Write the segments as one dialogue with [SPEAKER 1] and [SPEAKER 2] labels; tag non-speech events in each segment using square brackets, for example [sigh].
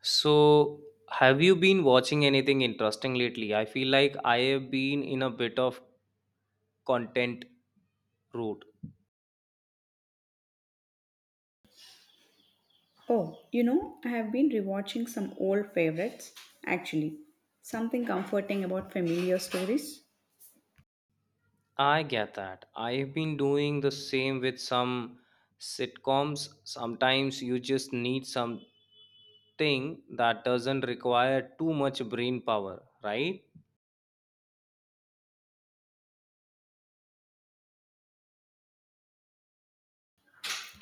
[SPEAKER 1] So, have you been watching anything interesting lately? I feel like I have been in a bit of content route.
[SPEAKER 2] Oh, you know, I have been rewatching some old favorites. Actually, something comforting about familiar stories.
[SPEAKER 1] I get that. I have been doing the same with some sitcoms. Sometimes you just need something that doesn't require too much brain power, right?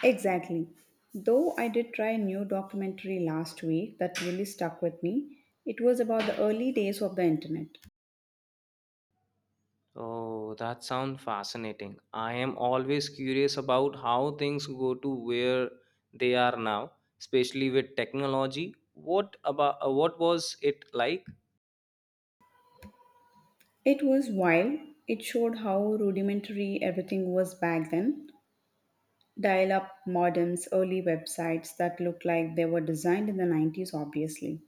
[SPEAKER 2] Exactly. Though I did try a new documentary last week that really stuck with me, it was about the early days of the internet.
[SPEAKER 1] Oh, that sounds fascinating. I am always curious about how things go to where they are now, especially with technology. What about what was it like?
[SPEAKER 2] It was wild. It showed how rudimentary everything was back then. Dial up modems, early websites that looked like they were designed in the 90s, obviously.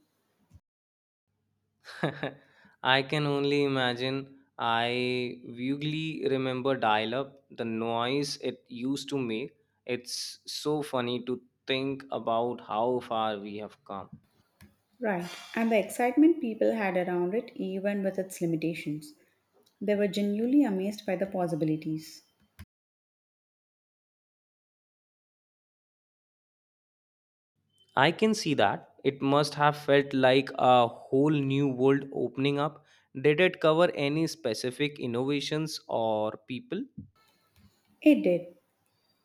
[SPEAKER 1] [laughs] I can only imagine. I vaguely remember dial-up, the noise it used to make. It's so funny to think about how far we have come.
[SPEAKER 2] Right, and the excitement people had around it, even with its limitations. They were genuinely amazed by the possibilities.
[SPEAKER 1] I can see that. It must have felt like a whole new world opening up. Did it cover any specific innovations or people?
[SPEAKER 2] It did.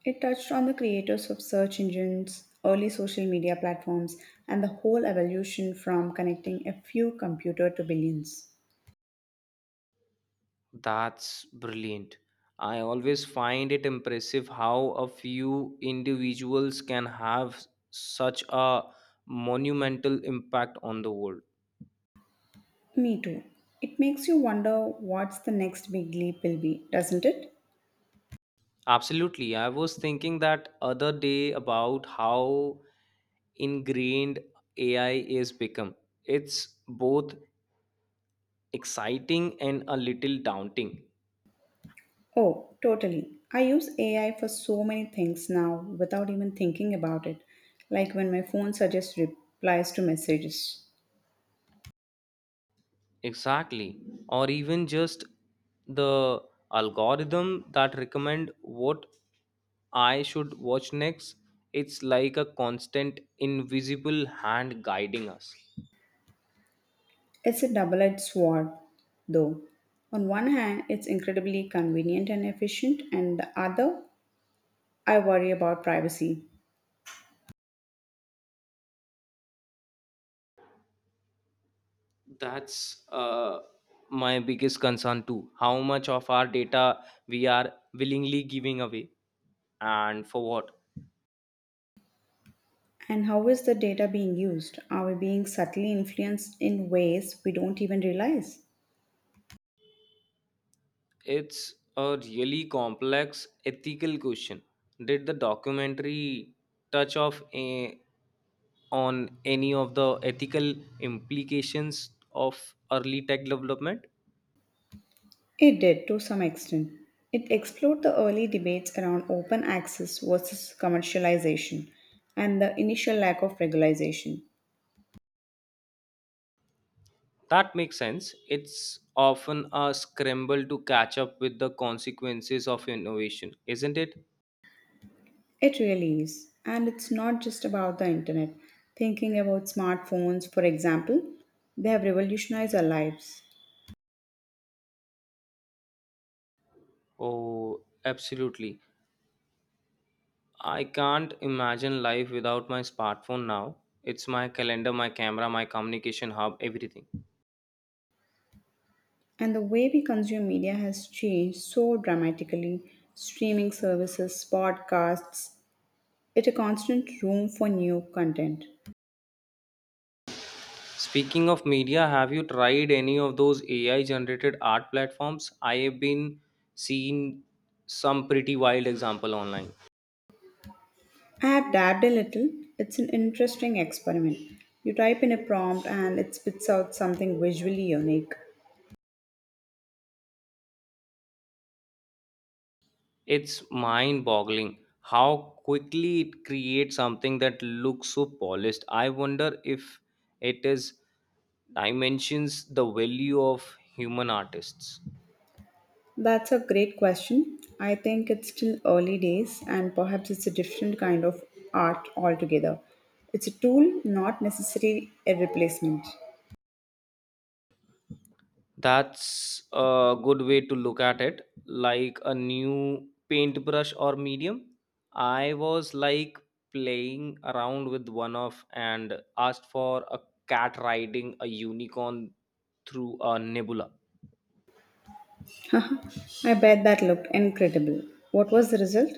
[SPEAKER 2] It touched on the creators of search engines, early social media platforms, and the whole evolution from connecting a few computer to billions.
[SPEAKER 1] That's brilliant. I always find it impressive how a few individuals can have such a monumental impact on the world.
[SPEAKER 2] Me too. It makes you wonder what's the next big leap will be, doesn't it?
[SPEAKER 1] Absolutely. I was thinking that other day about how ingrained AI is become. It's both exciting and a little daunting.
[SPEAKER 2] Oh, totally. I use AI for so many things now without even thinking about it, like when my phone suggests replies to messages.
[SPEAKER 1] Exactly. Or even just the algorithm that recommend what I should watch next. It's like a constant invisible hand guiding us.
[SPEAKER 2] It's a double edged sword, though. On one hand, it's incredibly convenient and efficient, and the other, I worry about privacy.
[SPEAKER 1] That's my biggest concern too. How much of our data we are willingly giving away and for what?
[SPEAKER 2] And how is the data being used? Are we being subtly influenced in ways we don't even realize?
[SPEAKER 1] It's a really complex ethical question. Did the documentary touch on any of the ethical implications of early tech development?
[SPEAKER 2] It did to some extent. It explored the early debates around open access versus commercialization and the initial lack of regulation.
[SPEAKER 1] That makes sense. It's often a scramble to catch up with the consequences of innovation, isn't it?
[SPEAKER 2] It really is. And it's not just about the internet. Thinking about smartphones, for example, they have revolutionized our lives.
[SPEAKER 1] Oh, absolutely. I can't imagine life without my smartphone now. It's my calendar, my camera, my communication hub, everything.
[SPEAKER 2] And the way we consume media has changed so dramatically. Streaming services, podcasts, it's a constant room for new content.
[SPEAKER 1] Speaking of media, have you tried any of those AI generated art platforms? I have been seeing some pretty wild example online.
[SPEAKER 2] I have dabbed a little. It's an interesting experiment. You type in a prompt and it spits out something visually unique.
[SPEAKER 1] It's mind boggling how quickly it creates something that looks so polished. I wonder if it is dimensions the value of human artists.
[SPEAKER 2] That's a great question. I think it's still early days and perhaps it's a different kind of art altogether. It's a tool, not necessarily a replacement.
[SPEAKER 1] That's a good way to look at it, like a new paintbrush or medium. I was like playing around with one of and asked for a cat riding a unicorn through a nebula.
[SPEAKER 2] [laughs] Haha, I bet that looked incredible. What was the result?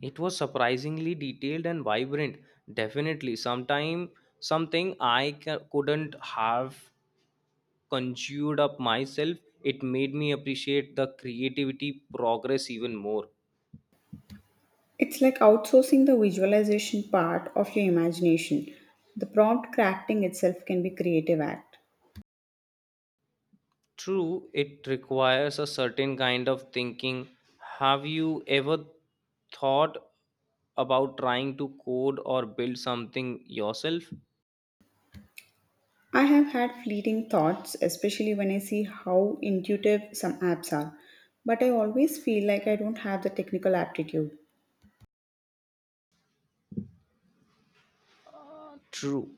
[SPEAKER 1] It was surprisingly detailed and vibrant. Definitely, sometime something couldn't have conjured up myself. It made me appreciate the creativity progress even more.
[SPEAKER 2] It's like outsourcing the visualization part of your imagination. The prompt crafting itself can be creative act.
[SPEAKER 1] True, it requires a certain kind of thinking. Have you ever thought about trying to code or build something yourself?
[SPEAKER 2] I have had fleeting thoughts, especially when I see how intuitive some apps are, but I always feel like I don't have the technical aptitude.
[SPEAKER 1] True,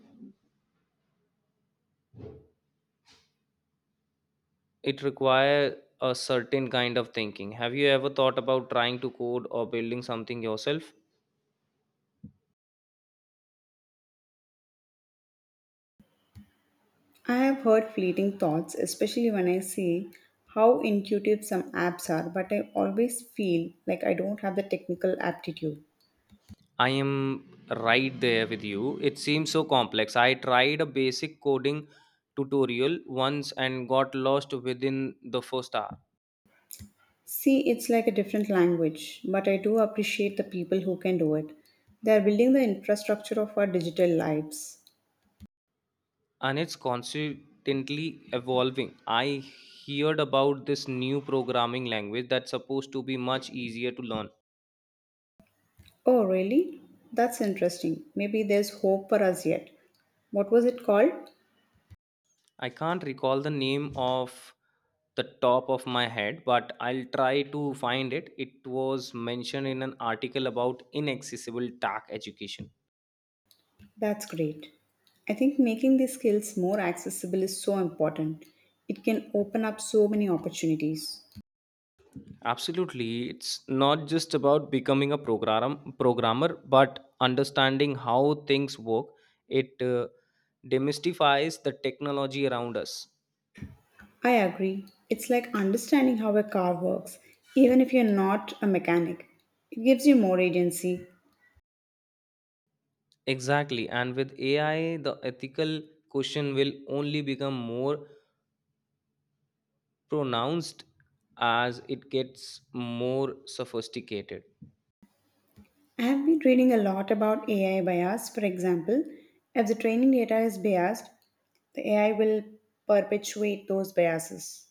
[SPEAKER 1] it requires a certain kind of thinking. Have you ever thought about trying to code or building something yourself?
[SPEAKER 2] I have heard fleeting thoughts, especially when I see how intuitive some apps are, but I always feel like I don't have the technical aptitude.
[SPEAKER 1] I am right there with you. It seems so complex. I tried a basic coding tutorial once and got lost within the first hour.
[SPEAKER 2] See, it's like a different language, but I do appreciate the people who can do it. They are building the infrastructure of our digital lives.
[SPEAKER 1] And it's constantly evolving. I heard about this new programming language that's supposed to be much easier to learn.
[SPEAKER 2] Oh, really? That's interesting. Maybe there's hope for us yet. What was it called?
[SPEAKER 1] I can't recall the name of the top of my head, but I'll try to find it. It was mentioned in an article about inaccessible tech education.
[SPEAKER 2] That's great. I think making these skills more accessible is so important. It can open up so many opportunities.
[SPEAKER 1] Absolutely, it's not just about becoming a programmer, but understanding how things work. It demystifies the technology around us.
[SPEAKER 2] I agree. It's like understanding how a car works, even if you're not a mechanic. It gives you more agency.
[SPEAKER 1] Exactly. And with AI, the ethical question will only become more pronounced as it gets more sophisticated.
[SPEAKER 2] I have been reading a lot about AI bias. For example, if the training data is biased, the AI will perpetuate those biases.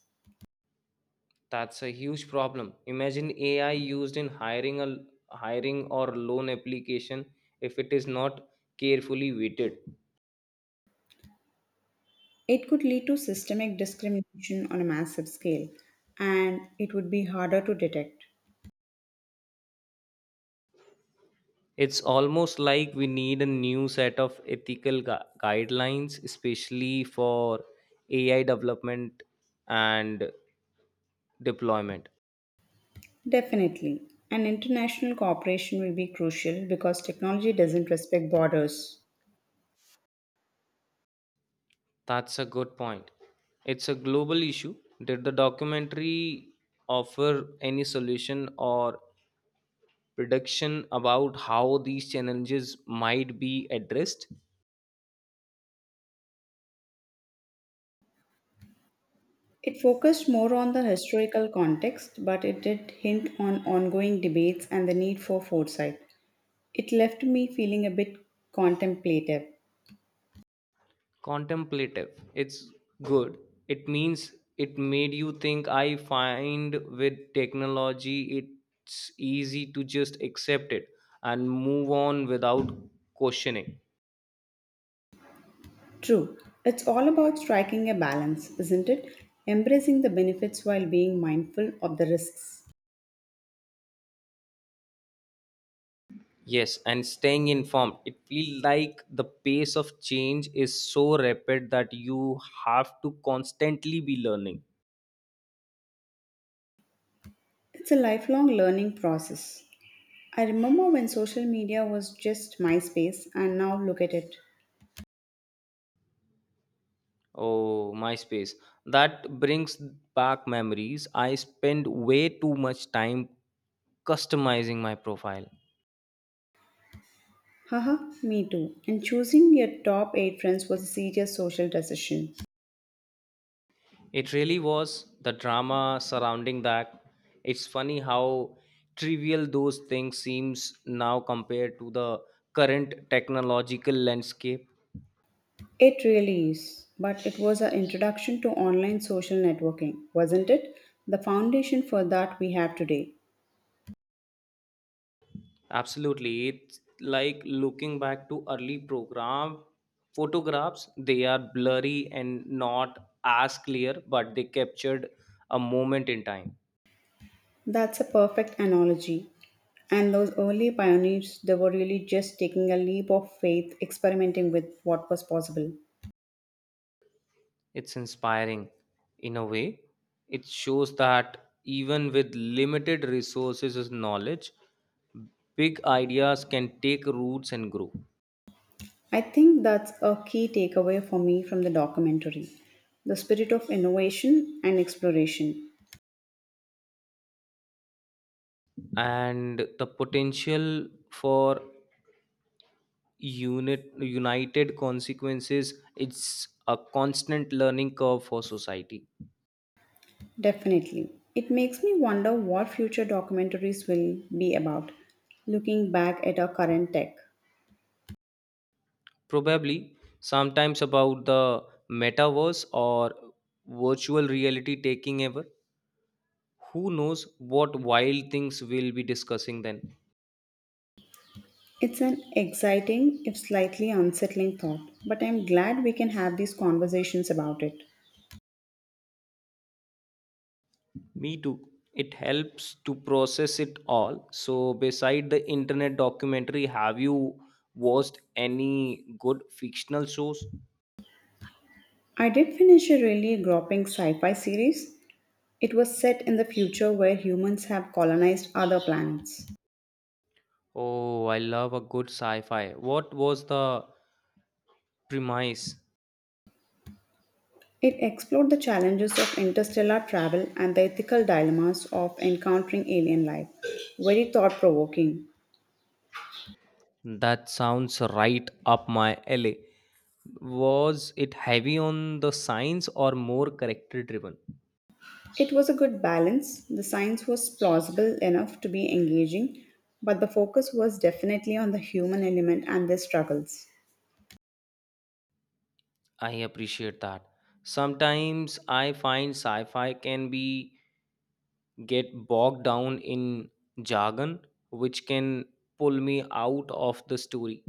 [SPEAKER 1] That's a huge problem. Imagine AI used in hiring or loan application if it is not carefully weighted.
[SPEAKER 2] It could lead to systemic discrimination on a massive scale, and it would be harder to detect.
[SPEAKER 1] It's almost like we need a new set of ethical guidelines, especially for AI development and deployment.
[SPEAKER 2] Definitely. An international cooperation will be crucial because technology doesn't respect borders.
[SPEAKER 1] That's a good point. It's a global issue. Did the documentary offer any solution or prediction about how these challenges might be addressed?
[SPEAKER 2] It focused more on the historical context, but it did hint on ongoing debates and the need for foresight. It left me feeling a bit contemplative.
[SPEAKER 1] Contemplative. It's good. It means it made you think. I find with technology, it's easy to just accept it and move on without questioning.
[SPEAKER 2] True, it's all about striking a balance, isn't it? Embracing the benefits while being mindful of the risks.
[SPEAKER 1] Yes, and staying informed. It feels like the pace of change is so rapid that you have to constantly be learning.
[SPEAKER 2] It's a lifelong learning process. I remember when social media was just MySpace, and now look at it.
[SPEAKER 1] Oh, MySpace. That brings back memories. I spent way too much time customizing my profile.
[SPEAKER 2] Haha, me too. And choosing your top 8 friends was a serious social decision.
[SPEAKER 1] It really was the drama surrounding that. It's funny how trivial those things seems now compared to the current technological landscape.
[SPEAKER 2] It really is, but it was an introduction to online social networking, wasn't it? The foundation for that we have today.
[SPEAKER 1] Absolutely. It's like looking back to early program photographs, they are blurry and not as clear, but they captured a moment in time.
[SPEAKER 2] That's a perfect analogy. And those early pioneers, they were really just taking a leap of faith, experimenting with what was possible.
[SPEAKER 1] It's inspiring in a way. It shows that even with limited resources and knowledge, big ideas can take roots and grow.
[SPEAKER 2] I think that's a key takeaway for me from the documentary the spirit of innovation and exploration.
[SPEAKER 1] And the potential for unit united consequences, it's a constant learning curve for society.
[SPEAKER 2] Definitely. It makes me wonder what future documentaries will be about, looking back at our current tech.
[SPEAKER 1] Probably sometimes about the metaverse or virtual reality taking over. Who knows what wild things we'll be discussing then.
[SPEAKER 2] It's an exciting, if slightly unsettling thought, but I'm glad we can have these conversations about it.
[SPEAKER 1] Me too, it helps to process it all. So beside the internet documentary, have you watched any good fictional shows?
[SPEAKER 2] I did finish a really groping sci fi series. It was set in the future where humans have colonized other planets.
[SPEAKER 1] Oh, I love a good sci-fi. What was the premise?
[SPEAKER 2] It explored the challenges of interstellar travel and the ethical dilemmas of encountering alien life. Very thought provoking.
[SPEAKER 1] That sounds right up my alley. Was it heavy on the science or more character driven?
[SPEAKER 2] It was a good balance. The science was plausible enough to be engaging, but the focus was definitely on the human element and their struggles.
[SPEAKER 1] I appreciate that. Sometimes I find sci-fi can be get bogged down in jargon, which can pull me out of the story.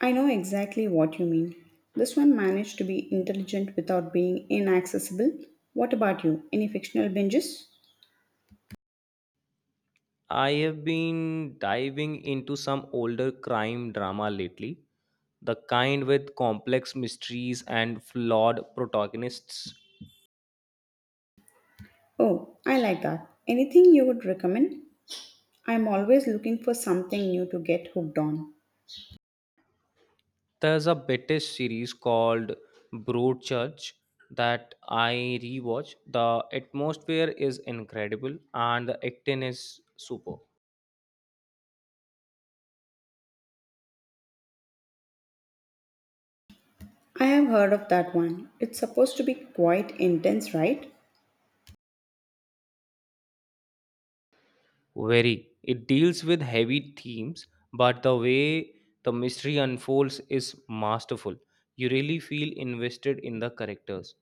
[SPEAKER 2] I know exactly what you mean. This one managed to be intelligent without being inaccessible. What about you? Any fictional binges?
[SPEAKER 1] I have been diving into some older crime drama lately, the kind with complex mysteries and flawed protagonists.
[SPEAKER 2] Oh, I like that. Anything you would recommend? I'm always looking for something new to get hooked on.
[SPEAKER 1] There's a British series called Broadchurch that I rewatch. The atmosphere is incredible and the acting is super.
[SPEAKER 2] I have heard of that one. It's supposed to be quite intense, right?
[SPEAKER 1] Very. It deals with heavy themes, but the way the mystery unfolds is masterful. You really feel invested in the characters.